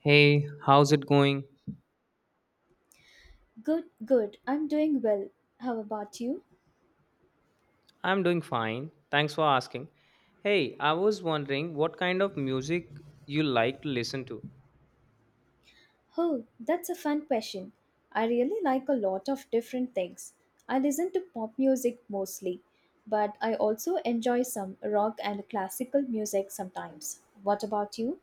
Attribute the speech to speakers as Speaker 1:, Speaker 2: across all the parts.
Speaker 1: Hey, how's it going?
Speaker 2: Good, good. I'm doing well. How about you?
Speaker 1: I'm doing fine. Thanks for asking. Hey, I was wondering what kind of music you like to listen to.
Speaker 2: Oh, that's a fun question. I really like a lot of different things. I listen to pop music mostly, but I also enjoy some rock and classical music sometimes. What about you?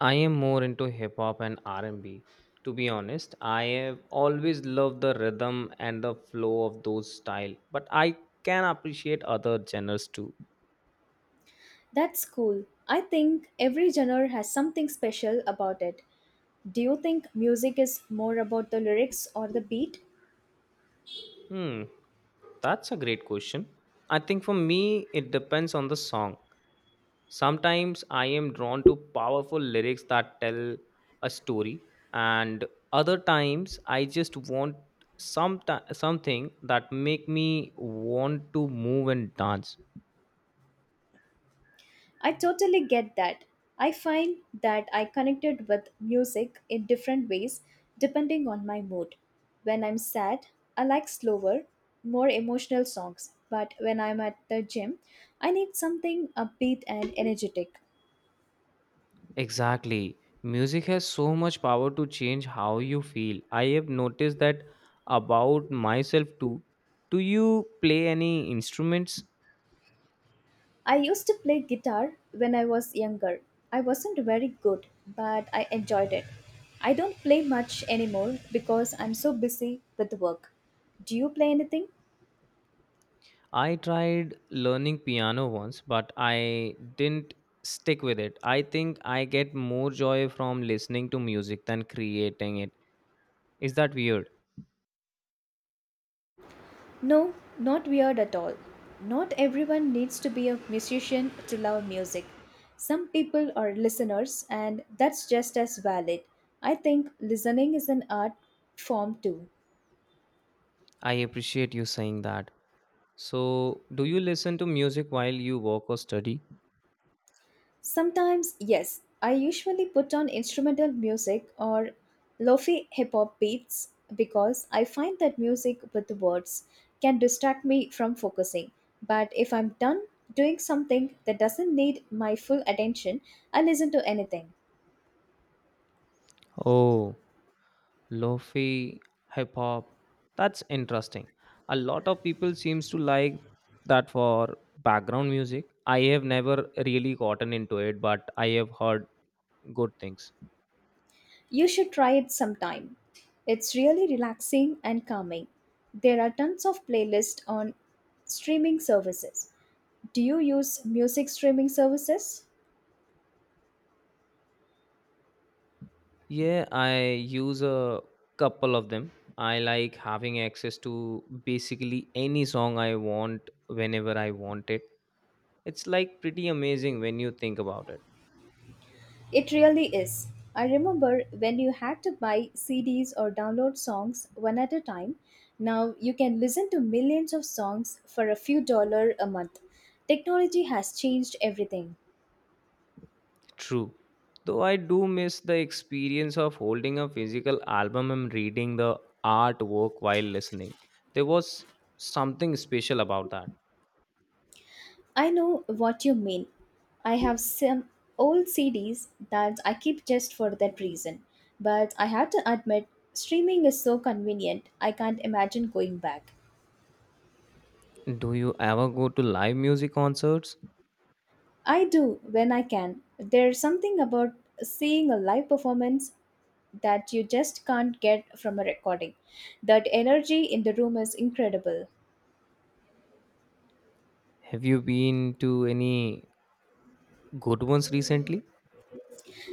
Speaker 1: I am more into hip hop and R&B. To be honest, I have always loved the rhythm and the flow of those style, but I can appreciate other genres too.
Speaker 2: That's cool. I think every genre has something special about it. Do you think music is more about the lyrics or the beat?
Speaker 1: Hmm, that's a great question. I think for me it depends on the song. Sometimes I am drawn to powerful lyrics that tell a story, and other times I just want some something that make me want to move and dance.
Speaker 2: I totally get that. I find that I connected with music in different ways depending on my mood. When I'm sad, I like slower, more emotional songs, but when I'm at the gym, I need something upbeat and energetic.
Speaker 1: Exactly. Music has so much power to change how you feel. I have noticed that about myself too. Do you play any instruments?
Speaker 2: I used to play guitar when I was younger. I wasn't very good, but I enjoyed it. I don't play much anymore because I'm so busy with work. Do you play anything?
Speaker 1: I tried learning piano once, but I didn't stick with it. I think I get more joy from listening to music than creating it. Is that weird?
Speaker 2: No, not weird at all. Not everyone needs to be a musician to love music. Some people are listeners, and that's just as valid. I think listening is an art form too.
Speaker 1: I appreciate you saying that. So, do you listen to music while you work or study?
Speaker 2: Sometimes, yes, I usually put on instrumental music or lofi hip hop beats because I find that music with words can distract me from focusing. But if I'm done doing something that doesn't need my full attention, I listen to anything.
Speaker 1: Oh, lofi, hip hop. That's interesting. A lot of people seems to like that for background music. I have never really gotten into it, but I have heard good things.
Speaker 2: You should try it sometime. It's really relaxing and calming. There are tons of playlists on streaming services. Do you use music streaming services?
Speaker 1: Yeah, I use a couple of them. I like having access to basically any song I want whenever I want it. It's like pretty amazing when you think about it.
Speaker 2: It really is. I remember when you had to buy CDs or download songs one at a time. Now you can listen to millions of songs for a few dollar a month. Technology has changed everything.
Speaker 1: True. Though I do miss the experience of holding a physical album and reading the artwork while listening. There was something special about that.
Speaker 2: I know what you mean. I have some old CDs that I keep just for that reason. But I have to admit, streaming is so convenient, I can't imagine going back.
Speaker 1: Do you ever go to live music concerts?
Speaker 2: I do when I can. There's something about seeing a live performance that you just can't get from a recording. That energy in the room is incredible.
Speaker 1: Have you been to any good ones recently?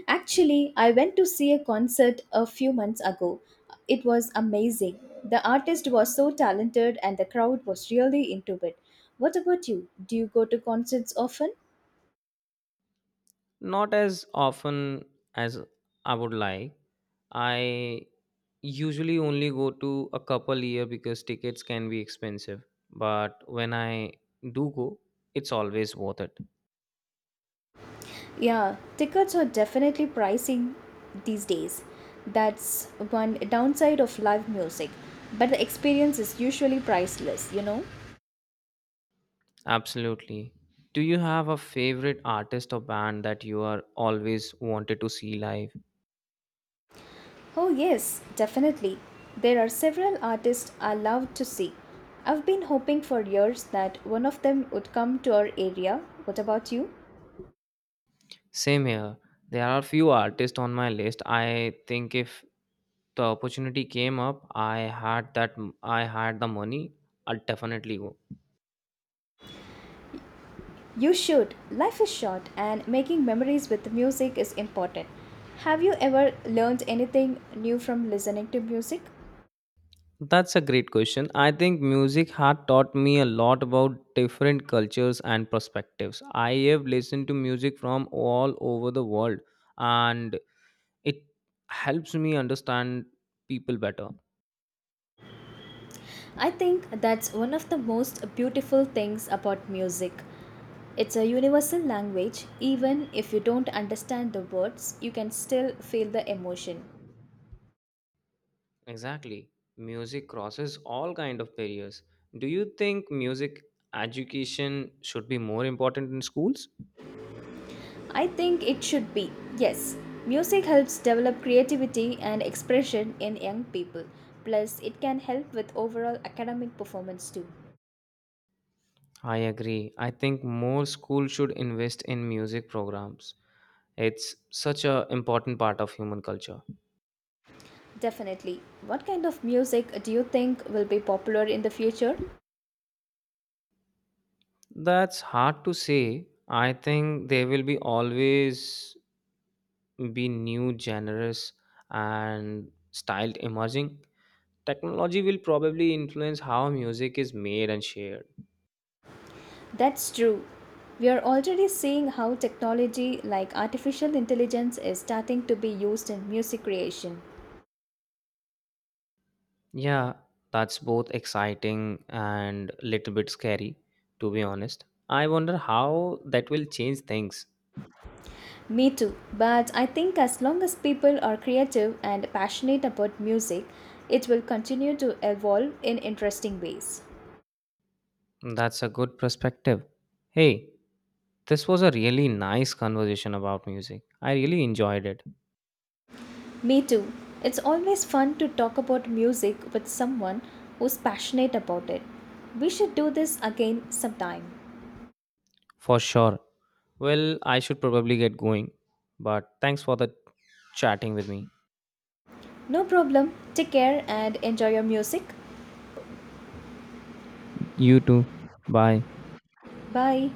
Speaker 2: Actually, I went to see a concert a few months ago. It was amazing. The artist was so talented and the crowd was really into it. What about you? Do you go to concerts often?
Speaker 1: Not as often as I would like. I usually only go to a couple year because tickets can be expensive. But when I do go, it's always worth it.
Speaker 2: Yeah, tickets are definitely pricing these days. That's one downside of live music. But the experience is usually priceless, you know?
Speaker 1: Absolutely. Do you have a favorite artist or band that you are always wanted to see live?
Speaker 2: Oh, yes, definitely. There are several artists I love to see. I've been hoping for years that one of them would come to our area. What about you?
Speaker 1: Same here. There are few artists on my list. I think if the opportunity came up, I had the money, I'll definitely go.
Speaker 2: You should. Life is short, and making memories with music is important. Have you ever learned anything new from listening to music?
Speaker 1: That's a great question. I think music had taught me a lot about different cultures and perspectives. I have listened to music from all over the world and it helps me understand people better.
Speaker 2: I think that's one of the most beautiful things about music. It's a universal language. Even if you don't understand the words, you can still feel the emotion.
Speaker 1: Exactly. Music crosses all kind of barriers. Do you think music education should be more important in schools?
Speaker 2: I think it should be. Yes, music helps develop creativity and expression in young people. Plus, it can help with overall academic performance too.
Speaker 1: I agree. I think more schools should invest in music programs. It's such a important part of human culture.
Speaker 2: Definitely. What kind of music do you think will be popular in the future?
Speaker 1: That's hard to say. I think there will be always be new genres and style emerging. Technology will probably influence how music is made and shared.
Speaker 2: That's true. We are already seeing how technology like artificial intelligence is starting to be used in music creation.
Speaker 1: Yeah, that's both exciting and little bit scary, to be honest. I wonder how that will change things.
Speaker 2: Me too, but I think as long as people are creative and passionate about music, it will continue to evolve in interesting ways.
Speaker 1: That's a good perspective. Hey, this was a really nice conversation about music. I really enjoyed it.
Speaker 2: Me too. It's always fun to talk about music with someone who's passionate about it. We should do this again sometime.
Speaker 1: For sure. Well, I should probably get going, but thanks for the chatting with me.
Speaker 2: No problem. Take care and enjoy your music.
Speaker 1: You too. Bye.
Speaker 2: Bye.